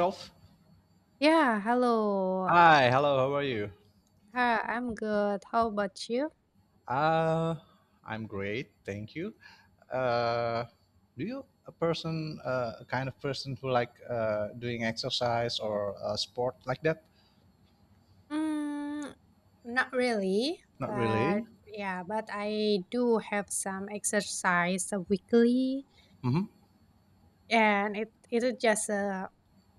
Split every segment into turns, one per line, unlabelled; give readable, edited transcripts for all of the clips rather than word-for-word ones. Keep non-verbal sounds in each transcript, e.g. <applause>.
Charles.
Yeah, hello.
Hi, hello, how are you?
Hi, I'm good. How about you?
Uh, I'm great, thank you. Uh, do you a person, a kind of person who like doing exercise or sport like that?
Mm, Not really,
Not
but,
really.
yeah, but I do have some exercise weekly,
Mm-hmm.
and it is just a,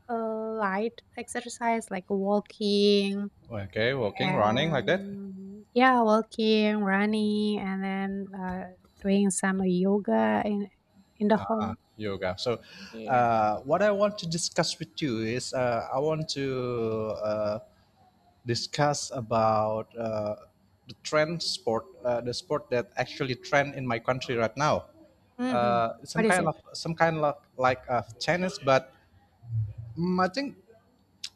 a light exercise like walking
Okay, walking, running like that,
and yeah, walking, running, and then doing some yoga in the home.
yoga. So,
Yeah.
what I want to discuss with you is I want to uh, discuss about the trend sport, the sport that actually trend in my country right now.
Mm-hmm.
Uh, some
What is
kind
it?
of some kind of like tennis, but I think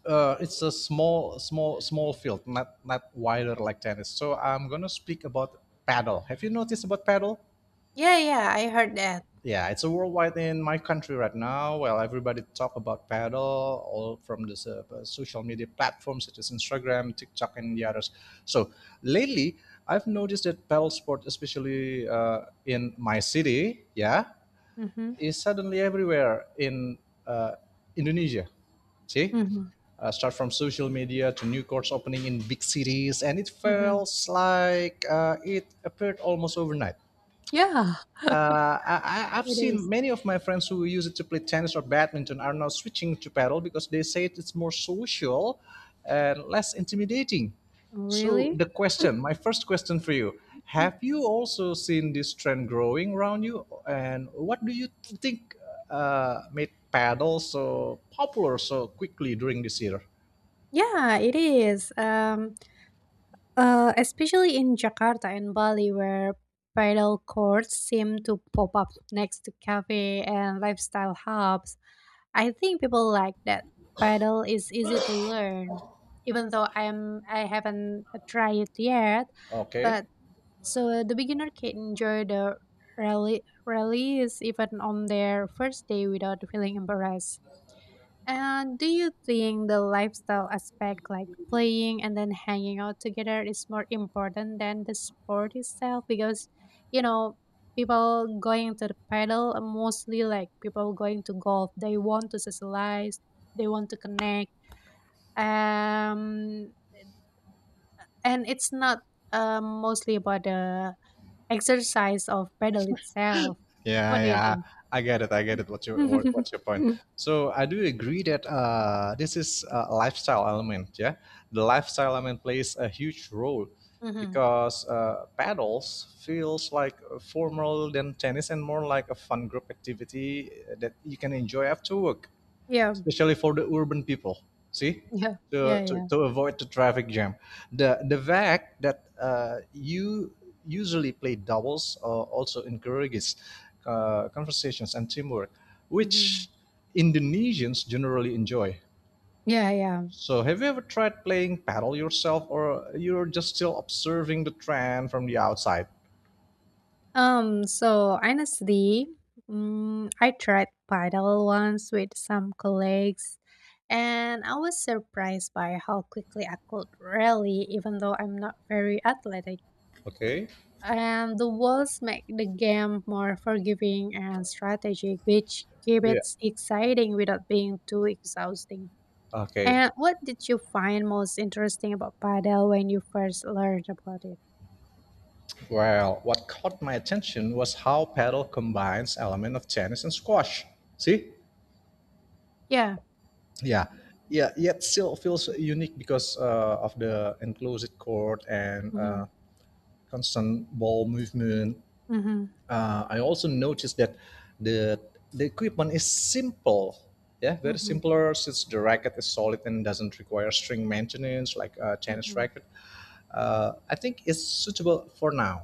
it's a small field, not wider like tennis. So I'm gonna speak about paddle. Have you noticed about paddle?
Yeah, yeah, I heard that.
Yeah, it's a worldwide in my country right now. Well, everybody talk about paddle, all from the social media platforms such as Instagram, TikTok, and the others. So lately, I've noticed that paddle sport, especially in my city, yeah,
Mm-hmm.
is suddenly everywhere in uh, Indonesia. See,
Mm-hmm.
start from social media to new courts opening in big cities, and it
Mhm.
feels like it appeared almost overnight.
Yeah,
Uh, I, I've
it
seen
is.
many of my friends who use it to play tennis or badminton are now switching to paddle because they say it's more social and less intimidating. So
Really?
the question, my first question for you,
Mm.
have you also seen this trend growing around you? And what do you think made paddle so popular so quickly during this year?
Yeah, it is. Especially in Jakarta and Bali, where paddle courts seem to pop up next to cafe and lifestyle hubs. I think people like that. Paddle is easy to learn, even though I haven't tried it yet.
Okay.
But so the beginner can enjoy the rally rallies even on their first day without feeling embarrassed. And do you think the lifestyle aspect, like playing and then hanging out together, is more important than the sport itself? Because, you know, people going to the paddle are mostly like people going to golf. They want to socialize, they want to connect. Um, and it's not mostly about the exercise of paddle itself.
Yeah,
What do you
yeah,
think?
I get it. I get it. What's
<laughs>
your what, what's your point?
Mm-hmm.
So I do agree that this is a lifestyle element. Yeah, the lifestyle element plays a huge role because paddles feels like formal than tennis and more like a fun group activity that you can enjoy after work
Yeah,
especially for the urban people. See,
yeah,
to,
yeah,
to,
yeah.
to avoid the traffic jam. The fact that you usually play doubles also encourages conversations and teamwork,
Mm-hmm.
which Indonesians generally enjoy.
Yeah, yeah.
So, have you ever tried playing paddle yourself, or you're just still observing the trend from the outside?
So honestly, I tried paddle once with some colleagues, and I was surprised by how quickly I could rally, even though I'm not very athletic.
Okay.
And the walls make the game more forgiving and strategic, which keep
Yeah.
it exciting without being too exhausting.
Okay.
And what did you find most interesting about paddle when you first learned about it?
Well, what caught my attention was how paddle combines element of tennis and squash. See?
Yeah.
Yeah. Yeah, yet still feels unique because of the enclosed court and
Mm-hmm.
constant ball movement.
Mm-hmm.
I also noticed that the the equipment is simple. Yeah, very
Mm-hmm.
simpler since the racket is solid and doesn't require string maintenance like a tennis
Mm-hmm.
racket. I think it's suitable for now.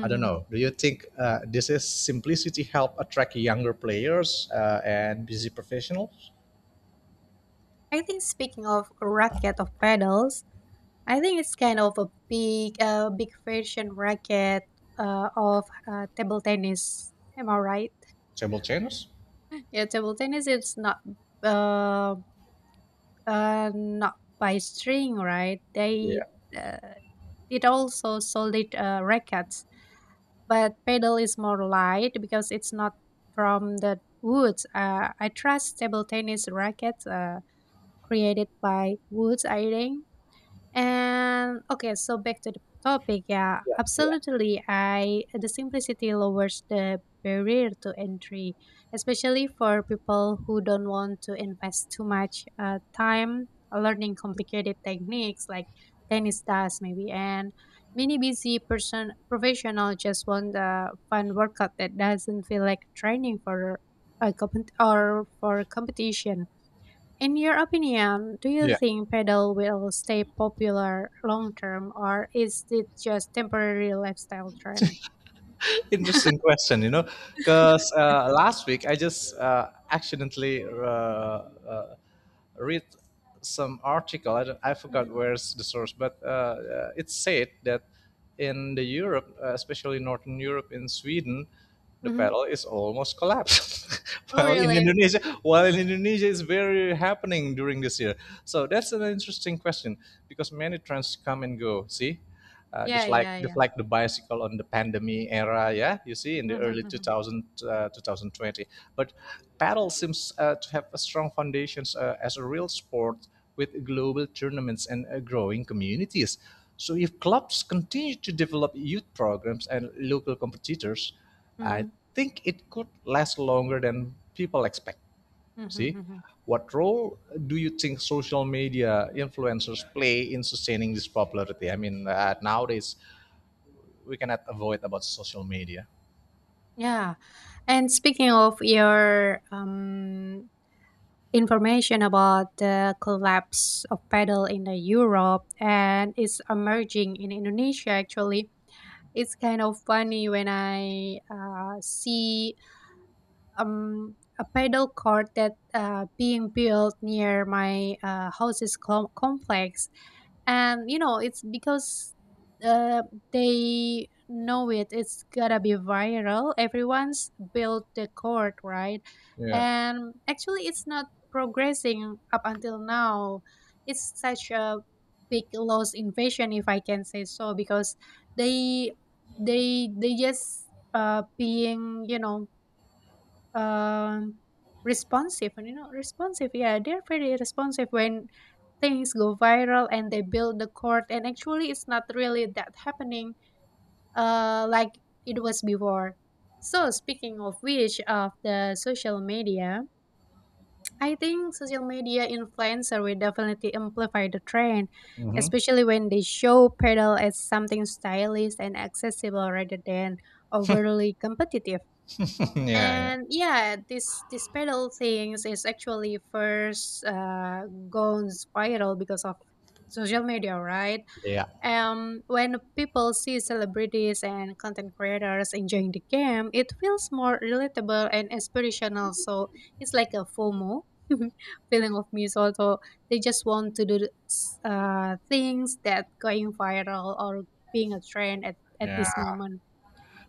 I don't know. Do you think this is simplicity help attract younger players and busy professionals,
I think, speaking of racket of pedals, I think it's kind of a big version racket of table tennis. Am I right?
table tennis?
<laughs> Yeah, table tennis is uh, not by string, right? They
Yeah,
uh, it also solid rackets, but pedal is more light because it's not from the woods. I trust table tennis rackets created by woods, I think. And okay, so back to the topic. Yeah,
yeah, yeah,
absolutely. I The simplicity lowers the barrier to entry, especially for people who don't want to invest too much time learning complicated techniques like tennis does, maybe. And many busy person professional just want a fun workout that doesn't feel like training for a compet or for competition. In your opinion, do you
yeah.
think pedal will stay popular long term, or is it just temporary lifestyle trend?
Interesting question. You know, because last week I just accidentally read some article. I, don't, I forgot
Mhm.
where's the source, but it said that in the Europe, especially Northern Europe, in Sweden, the
Mhm.
pedal is almost collapsed. <laughs>
Oh,
while in
really?
Indonesia, while in Indonesia is very happening during this year. So that's an interesting question because many trends come and go. See, uh,
Yeah,
just like
yeah,
just
yeah.
like the bicycle on the pandemic era, yeah, you see in the
Mhm,
early
mhm,
2000 2020, but paddle seems to have a strong foundations as a real sport with global tournaments and growing communities. So if clubs continue to develop youth programs and local competitors, I
mhm,
think it could last longer than people expect.
mhm,
See,
mhm.
what role do you think social media influencers play in sustaining this popularity? I mean, nowadays we cannot avoid about social media.
Yeah. And speaking of your information about the collapse of pedal in the Europe and it's emerging in Indonesia, actually, it's kind of funny when I see a pedal court that being built near my house's complex, and you know it's because uh, they know it. It's gotta be viral. Everyone's built the court, right?
Yeah.
And actually, it's not progressing up until now. It's such a big loss invasion, if I can say so, because they they just being, um responsive, and responsive. Yeah, they're very responsive when things go viral, and they build the court, and actually, it's not really that happening like it was before. So speaking of which, of the social media, I think social media influencer will definitely amplify the trend,
Hmm.
especially when they show pedal as something stylish and accessible rather than overly competitive.
<laughs> Yeah. Yeah.
And yeah, this pedal things is actually first gone viral because of social media, right?
Yeah.
When people see celebrities and content creators enjoying the game, it feels more relatable and inspirational. So it's like a fomo <laughs> feeling of me, so they just want to do things that going viral or being a trend at
Yeah.
this moment.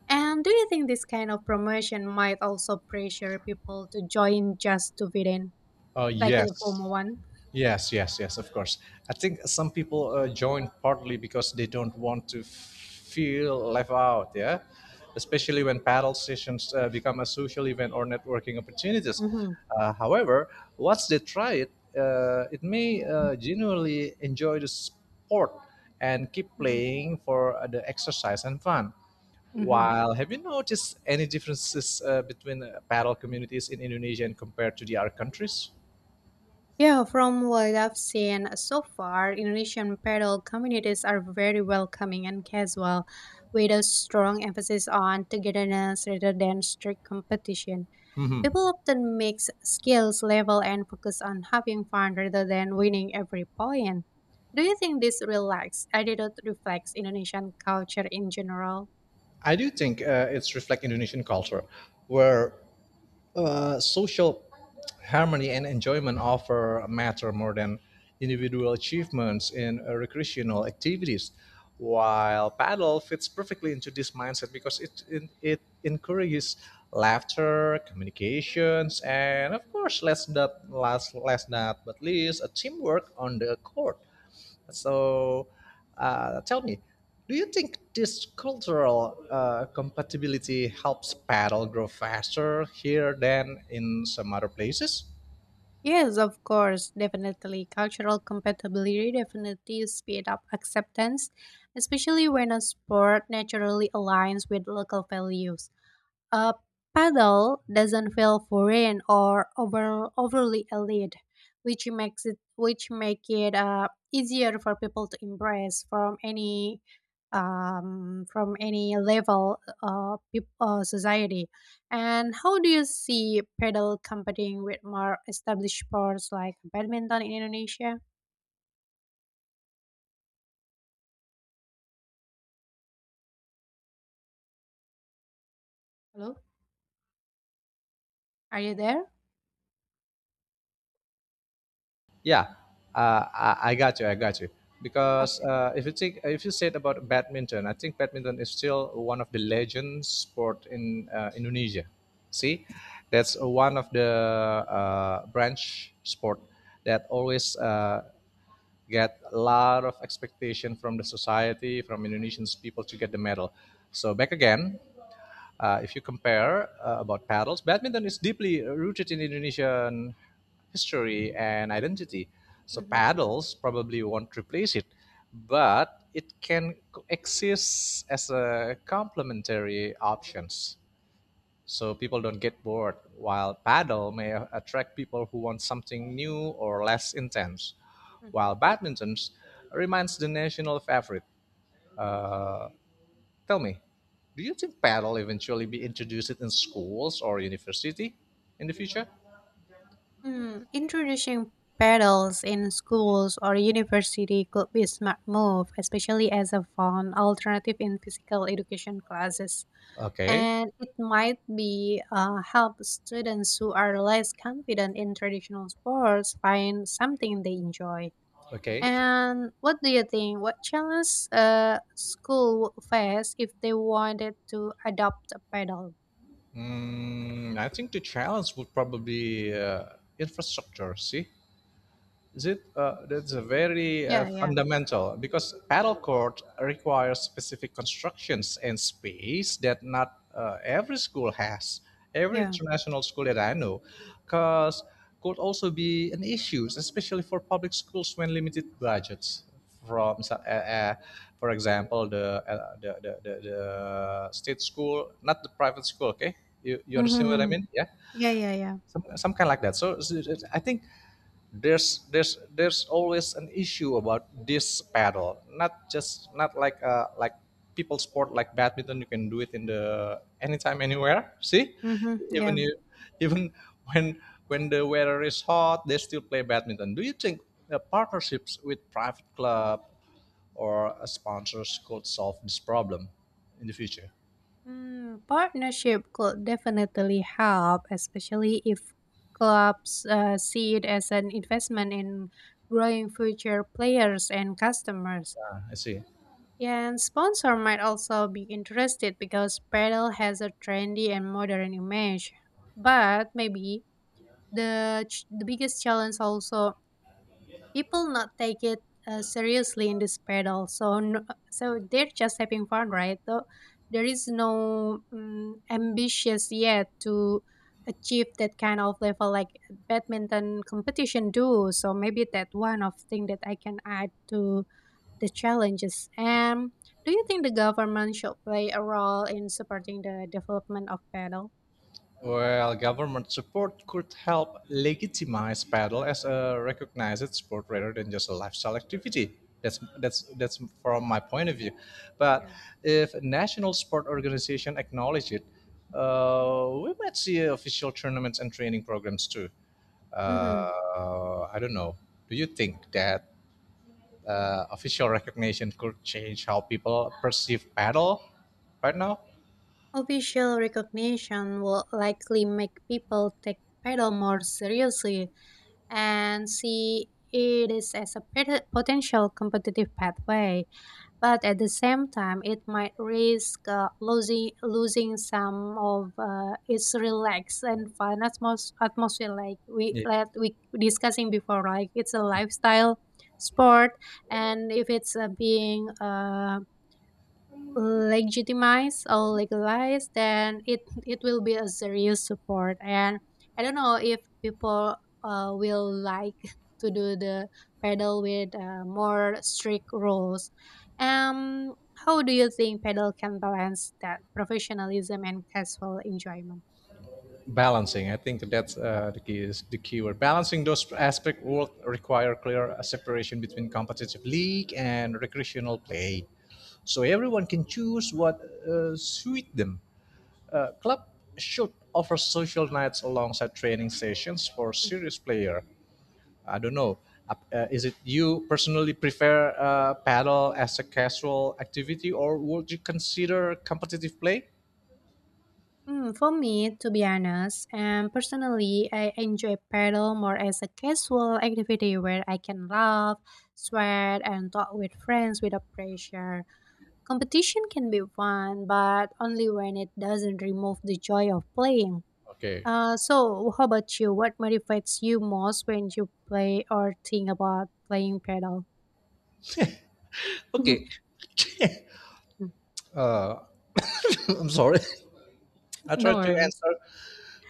And do you think this kind of promotion might also pressure people to join just to fit in,
Oh
like the
yes.
former one?
Yes, yes, yes, of course. I think some people join partly because they don't want to feel left out, yeah? Especially when paddle sessions become a social event or networking opportunities.
Hmm.
However, once they try it, it may genuinely enjoy the sport and keep
Hmm.
playing for the exercise and fun.
Hmm.
While have you noticed any differences between paddle communities in Indonesia and compared to the other countries?
Yeah, from what I've seen so far, Indonesian paddle communities are very welcoming and casual, with a strong emphasis on togetherness rather than strict competition.
Hmm.
People often mix skills level and focus on having fun rather than winning every point. Do you think this relaxed attitude reflects Indonesian culture in general?
I do think it's reflect Indonesian culture, where social harmony and enjoyment offer matter more than individual achievements in recreational activities. While paddle fits perfectly into this mindset because it encourages laughter, communications, and of course, last not last last not but least, a teamwork on the court. So, tell me, do you think this cultural compatibility helps paddle grow faster here than in some other places?
Yes, of course, definitely. Cultural compatibility definitely speed up acceptance, especially when a sport naturally aligns with local values. A paddle doesn't feel foreign or overly elite, which make it easier for people to embrace from any level of society. And how do you see paddle competing with more established sports like badminton in Indonesia? Hello, are you there?
Yeah, I got you. I got you. Because
Okay.
if you think, if you said about badminton, I think badminton is still one of the legend sport in Indonesia. See, that's one of the branch sport that always get a lot of expectation from the society, from Indonesian people to get the medal. So back again, if you compare about paddles, badminton is deeply rooted in Indonesian history and identity. So
Hmm.
paddles probably won't replace it, but it can exist as a complementary options so people don't get bored, while paddle may attract people who want something new or less intense,
Hmm.
while badminton remains the national favorite. Tell me, do you think paddle eventually be introduced in schools or university in the future?
Hmm, introducing pedals in schools or university could be a smart move, especially as a fun alternative in physical education classes.
Okay,
And it might be help students who are less confident in traditional sports find something they enjoy.
okay.
And what do you think? What challenge school would face if they wanted to adopt a pedal?
I think the challenge would probably infrastructure. See, is it, that's a very
Yeah, yeah,
fundamental because paddle court requires specific constructions and space that not every school has. Every
yeah.
international school that I know, because could also be an issue, especially for public schools when limited budgets. From for example, the state school, not the private school. Okay, you understand what I
Mm-hmm.
mean? Yeah,
Yeah, yeah, yeah.
some kind like that. So I think there's always an issue about this paddle. Not just not like people sport like badminton. You can do it in the anytime anywhere. See,
Mm-hmm. Yeah.
even you even when when the weather is hot, they still play badminton. Do you think partnerships with private club or sponsors could solve this problem in the future?
Partnership could definitely help, especially if clubs see it as an investment in growing future players and customers.
I see.
Yeah, and sponsor might also be interested because Paddle has a trendy and modern image. But maybe the biggest challenge also, people not take it seriously in this pedal, so no, so they're just having fun, right? So there is no ambitious yet to achieve that kind of level like badminton competition do. So maybe that one of thing that I can add to the challenges. And do you think the government should play a role in supporting the development of pedal?
Well, government support could help legitimize paddle as a recognized sport rather than just a lifestyle activity. That's from my point of view. But
Yeah.
if national sport organization acknowledge it, we might see official tournaments and training programs too.
Mm-hmm.
I don't know. Do you think that official recognition could change how people perceive paddle right now?
Official recognition will likely make people take paddle more seriously and see it is as a potential competitive pathway, but at the same time, it might risk losing some of its relaxed and fun atmosphere,
Yeah.
like we discussing before. Like it's a lifestyle sport, and if it's being legitimize or legalize, then it will be a serious support. And I don't know if people will like <laughs> to do the pedal with more strict rules. Um, how do you think pedal can balance that professionalism and casual enjoyment?
Balancing, I think that's the key is the keyword. Balancing those aspects will require clear separation between competitive league and recreational play so everyone can choose what suit them. A club should offer social nights alongside training sessions for serious player. I don't know, is it you personally prefer paddle as a casual activity or would you consider competitive play?
For me, to be honest, and personally, I enjoy paddle more as a casual activity where I can laugh, sweat, and talk with friends without pressure. Competition can be fun, but only when it doesn't remove the joy of playing.
Okay,
So, how about you? What motivates you most when you play or think about playing paddle?
okay. <laughs>
<laughs>
I'm sorry. I try
No
to
worries.
answer.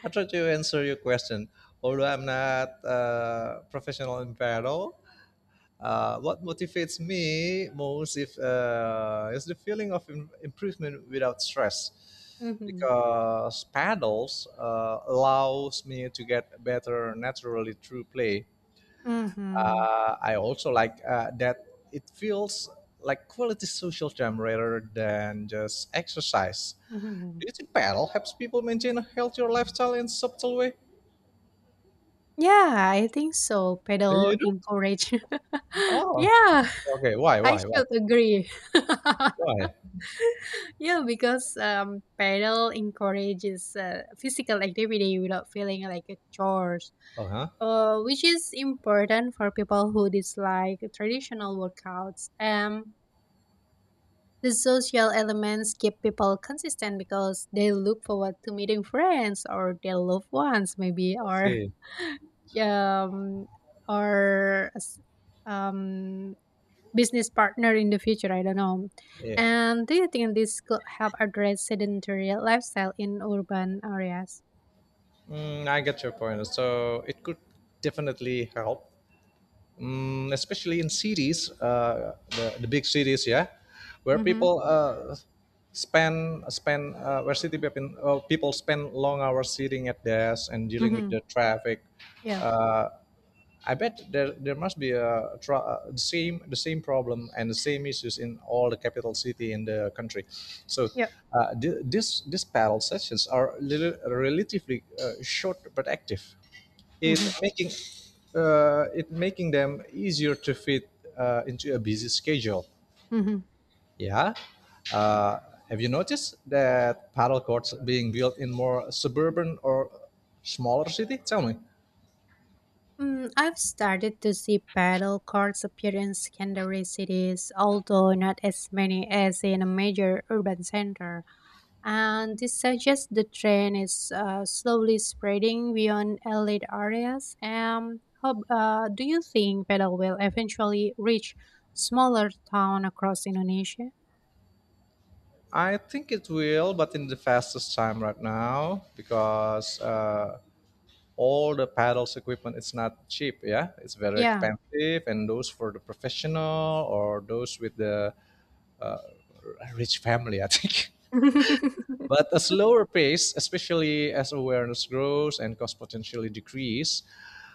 I try to answer your question. Although I'm not professional in paddle, what motivates me most if, is the feeling of improvement without stress,
Mm-hmm.
because paddles allows me to get better naturally through play.
Mm-hmm.
I also like that it feels like quality social time rather than just exercise.
Mm-hmm.
Each paddle helps people maintain a healthier lifestyle in subtle way.
Yeah, I think so.
Eh,
Pedal
you do?
encourage. <laughs>
Oh,
Yeah,
okay. Why?
I
Why? Why?
should agree. <laughs>
Why?
Yeah, because pedal encourages physical activity without feeling like a chores,
Oh, huh?
which is important for people who dislike traditional workouts. The social elements keep people consistent because they look forward to meeting friends or their loved ones, maybe,
I
or
see.
<laughs> um, or um, business partner in the future. I don't know.
Yeah.
And do you think this could help address sedentary lifestyle in urban areas?
I get your point. So it could definitely help, especially in cities, the big cities, yeah, where
Mm-hmm.
people spend spend where city people, people spend long hours sitting at desks and dealing with
Mm-hmm.
the traffic.
Yeah.
I bet there must be a the same problem and the same issues in all the capital city in the country. So
Yep.
this these panel sessions are little, relatively short but active. It
Mm-hmm.
making it making them easier to fit into a busy schedule.
Mm-hmm.
Yeah. Uh, have you noticed that paddle courts being built in more suburban or smaller city? Tell me.
I've started to see paddle courts appear in secondary cities, although not as many as in a major urban center. And this suggests the trend is slowly spreading beyond elite areas. How, do you think paddle will eventually reach smaller town across Indonesia?
I think it will, but in the fastest time right now because all the paddles equipment it's not cheap. Yeah, it's very
Yeah.
expensive, and those for the professional or those with the rich family, I think. <laughs> But
<laughs>
a slower pace, especially as awareness grows and cost potentially decrease,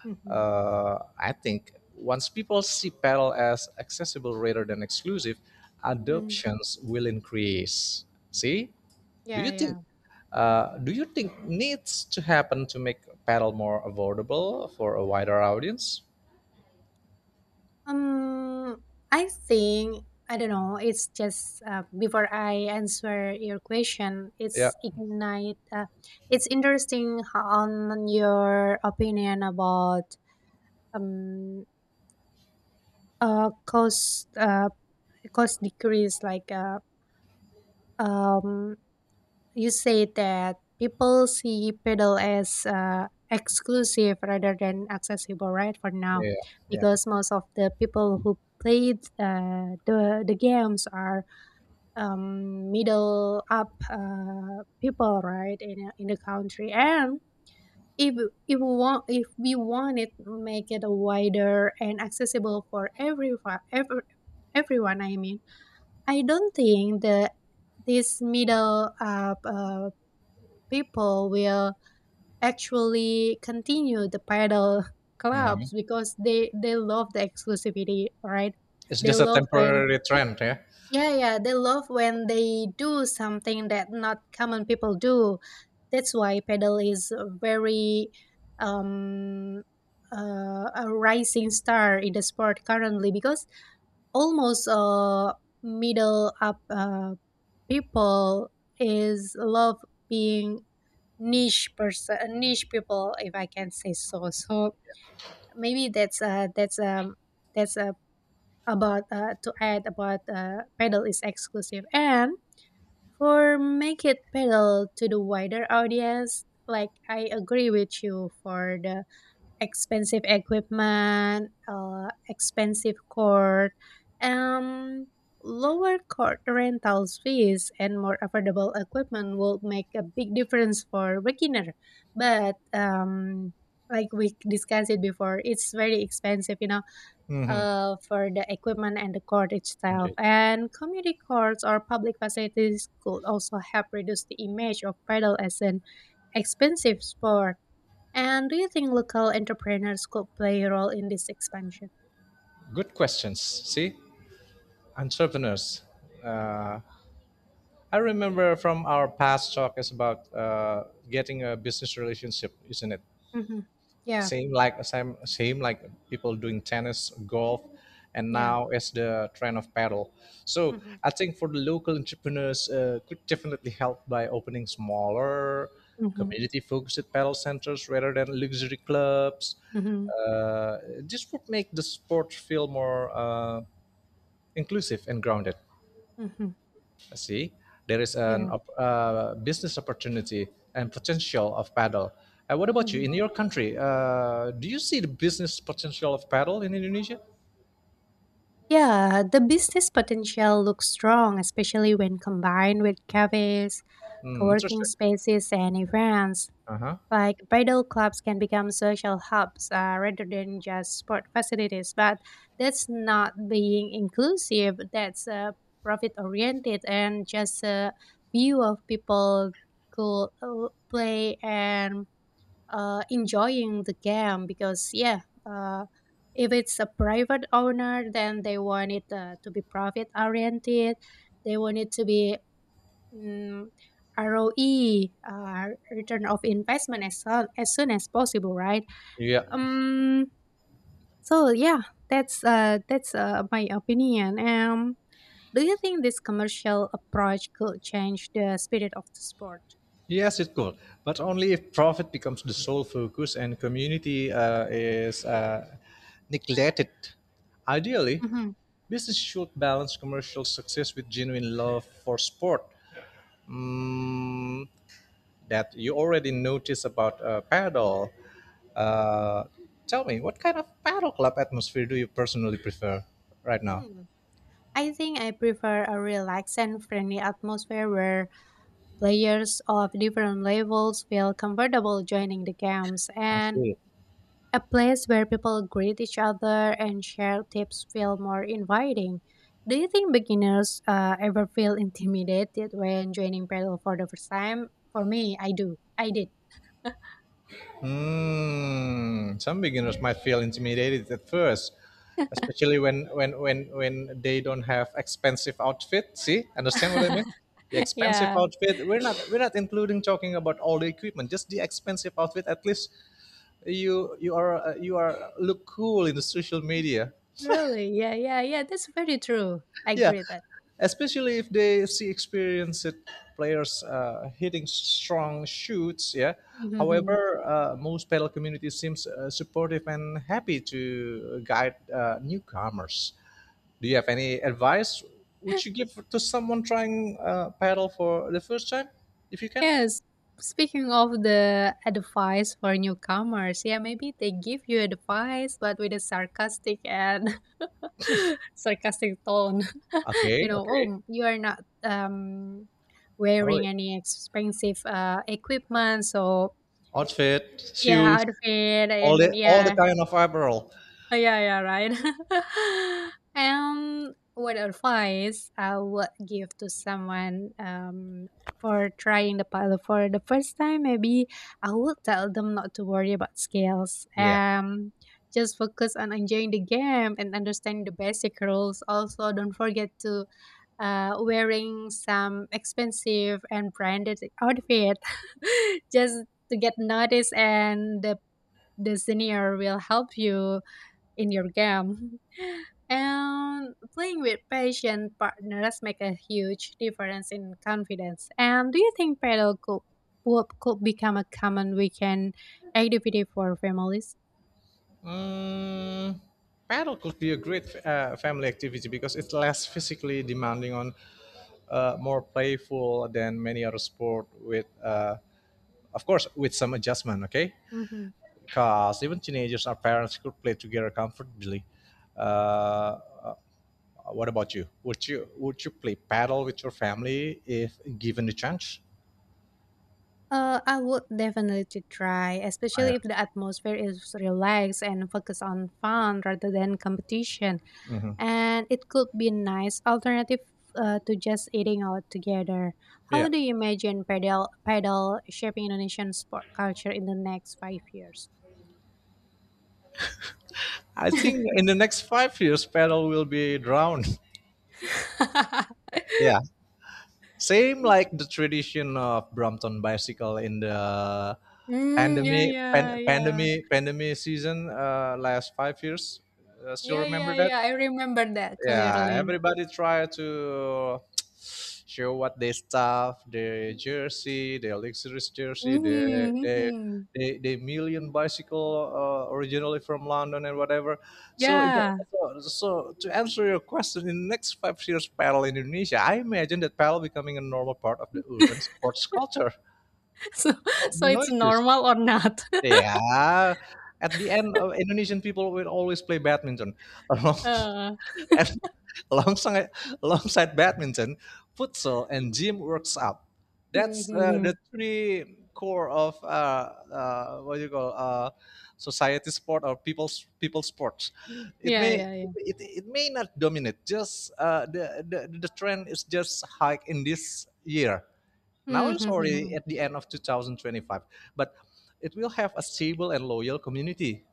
Mhm.
I think once people see pedal as accessible rather than exclusive,
Mm,
adoptions will increase. See, do
Yeah,
you think?
yeah.
Do you think needs to happen to make pedal more affordable for a wider audience?
Um, I think I don't know. It's just before I answer your question,
Yeah,
it's ignite. It's interesting, on your opinion about um uh cost uh cost decrease um You say that people see pedal as exclusive rather than accessible, right? For now,
yeah, yeah.
because most of the people who played the games are middle up people, right, in the country. And if if we want it, make it wider and accessible for everyone, everyone. I mean, I don't think the this middle up people will actually continue the paddle <laughs>
Mhm.
clubs because they love the exclusivity, right?
It's
They
just a
love when
temporary trend, yeah.
Yeah, yeah, they love when they do something that not common people do. That's why paddle is um a rising star in the sport currently because almost middle up people is love being niche people, if I can say so. So maybe that's about to add about pedal is exclusive, and for make it pedal to the wider audience, like, I agree with you for the expensive equipment, expensive court, um, lower court rentals fees, and more affordable equipment will make a big difference for beginner. But like we discussed it before, it's very expensive,
Hmm.
for the equipment and the court itself.
Indeed.
And community courts or public facilities could also help reduce the image of paddle as an expensive sport. And do you think local entrepreneurs could play a role in this expansion?
Good questions. See, entrepreneurs. Uh, I remember from our past talk is about getting a business relationship, isn't it?
Hmm Yeah,
Same like people doing tennis, golf, and
yeah.
now it's the trend of paddle. So
hmm
I think for the local entrepreneurs, could definitely help by opening smaller,
hmm
community-focused paddle centers rather than luxury clubs.
hmm
This would make the sport feel more inclusive and grounded.
hmm
See, there is an
Yeah.
business opportunity and potential of paddle. What about you
hmm
in your country? Do you see the business potential of paddle in Indonesia?
Yeah, the business potential looks strong, especially when combined with cafes,
Hmm,
co-working
interesting.
spaces, and events.
Uh huh.
Like bridal clubs can become social hubs, rather than just sport facilities, but that's not being inclusive. That's profit oriented and just a view of people could, play and, enjoying the game, because yeah, if it's a private owner, then they want it, to be profit oriented. They want it to be, mm, ROE, return of investment as soon as, soon as possible, right?
Yeah.
Um, so yeah, that's my opinion. Do you think this commercial approach could change the spirit of the sport?
Yes, it could, but only if profit becomes the sole focus and community is neglected. Ideally,
Hmm
business should balance commercial success with genuine love for sport. Mm, that you already noticed about paddle. Uh, Tell me, what kind of paddle club atmosphere do you personally prefer right now?
Hmm. I think I prefer a relaxed and friendly atmosphere where players of different levels feel comfortable joining the games.
I
And
see.
a place where people greet each other and share tips feel more inviting. Do you think beginners ever feel intimidated when joining Paddle for the first time? For me, I do. I did.
Hmm. Some beginners might feel intimidated at first, especially when they don't have expensive outfit. See, understand what I mean?
<laughs>
The
<laughs>
expensive
Yeah,
outfit. We're not including talking about all the equipment. Just the expensive outfit. At least you are you are look cool in the social media.
really. Yeah, yeah, yeah. That's very true. I
Yeah,
agree with that.
especially if they see experienced players hitting strong shoots, yeah.
<laughs>
However, most pedal community seems supportive and happy to guide newcomers. Do you have any advice would you give to someone trying paddle for the first time, if you can?
Yes. Speaking of the advice for newcomers, yeah, maybe they give you advice, but with a sarcastic and <laughs> sarcastic tone. <laughs>
Okay,
You know,
okay.
oh, you are not,
Oh,
wearing any expensive equipment, so
outfit,
yeah,
shoes,
outfit
all
and
the all the
yeah,
kind of apparel,
<laughs> yeah, yeah, right. <laughs> What advice I would give to someone, for trying the pilot for the first time? Maybe I would tell them not to worry about scales.
yeah.
Just focus on enjoying the game and understanding the basic rules. Also, don't forget to wearing some expensive and branded outfit, <laughs> just to get noticed, and the senior will help you in your game. <laughs> And playing with patient partners make a huge difference in confidence. And do you think paddle could could become a common weekend activity for families?
Mm, paddle could be a great family activity because it's less physically demanding on more playful than many other sport with of course with some adjustment, okay,
Hmm
because even teenagers or parents could play together comfortably. uh, uh, what about you, would you play paddle with your family if given the chance?
I would definitely try,
Yeah.
especially if the atmosphere is relaxed and focused on fun rather than competition.
Hmm.
And it could be nice alternative, to just eating out together.
Yeah,
How do you imagine paddle shaping Indonesian sport culture in the next 5 years?
I think in
<laughs>
the next 5 years paddle will be drowned. <laughs> Yeah. Same like the tradition of Brompton bicycle in the
Mm, yeah,
pandemic pan,
yeah, yeah.
pandemic pandemic season, last 5 years. Still
Yeah, yeah,
remember that?
yeah. I remember that
Yeah,
clearly.
everybody try to <tsk> show what they stuff, their jersey, their luxurious jersey,
Hmm
the
hmm
the million bicycle originally from London and whatever. so, it,
Yeah.
so to answer your question, in the next 5 years paddle in Indonesia, I imagine that paddle becoming a normal part of the urban
<laughs>
sports culture.
So,
Oh,
so it's
noises.
normal or not? <laughs>
Yeah, at the end of Indonesian people will always play badminton. <laughs>
Uh,
And <laughs> alongside alongside badminton, futsal and gym works up. That's
mm-hmm,
the
mm-hmm.
three core of what do you call, society sport or people's people sports. It
Yeah,
may
yeah, yeah.
it may not dominate. Just the trend is just high in this year. Now
Mm-hmm,
it's already
mm-hmm.
at the end of 2025, but it will have a stable and loyal community.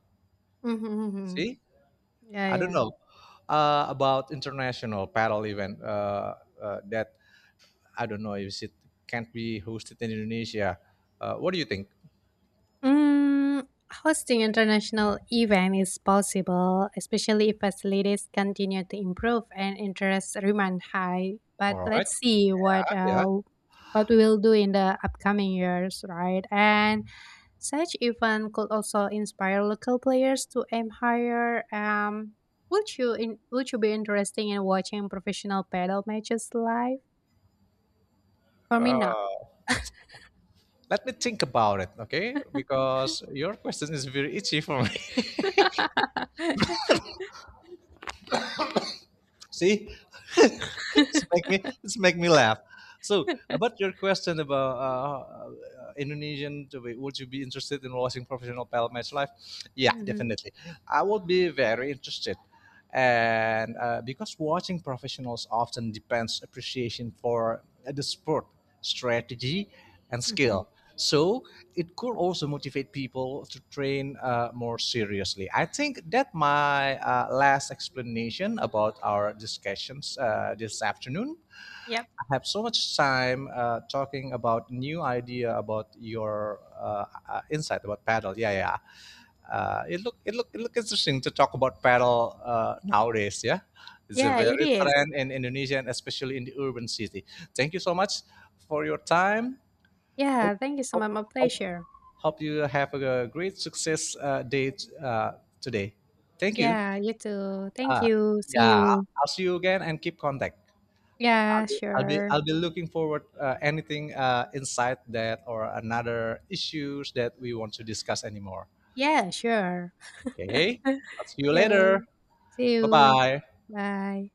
Mm-hmm, mm-hmm.
See,
Yeah,
I don't
yeah.
know about international paddle event that I don't know if it can't be hosted in Indonesia. What do you think?
Mm, hosting international event is possible, especially if facilities continue to improve and interest remain high. But
All right,
let's see what,
yeah.
what we will do in the upcoming years, right? And such event could also inspire local players to aim higher. Would would you be interested in watching professional paddle matches live? For me, not.
Uh, Let me think about it, okay? Because your question is very itchy for me.
<laughs>
See, <laughs> it's make me laugh. So about your question about Indonesian, to be, would you be interested in watching professional pal match live? Yeah,
hmm
definitely. I would be very interested, and because watching professionals often depends appreciation for the sport strategy, and
hmm
skill. So it could also motivate people to train more seriously. I think that my last explanation about our discussions this afternoon.
Yep.
I have so much time talking about new idea about your insight about paddle. Yeah, yeah. It look interesting to talk about paddle nowadays. Yeah, it's a
Yeah, it
very
is.
trend in Indonesia and especially in the urban city. Thank you so much for your time. Hope
Yeah, thank you so
hope
much. My
hope,
pleasure.
hope you have a great success day uh, today. Thank you.
Yeah, you too. Thank
Uh,
you. See
yeah,
you.
I'll see you again and keep contact.
Yeah,
I'll be
sure.
I'll be looking forward anything inside that or another issues that we want to discuss anymore.
Yeah, sure.
Okay, I'll see
<laughs>
you later.
You. See
Bye
you.
bye.
Bye.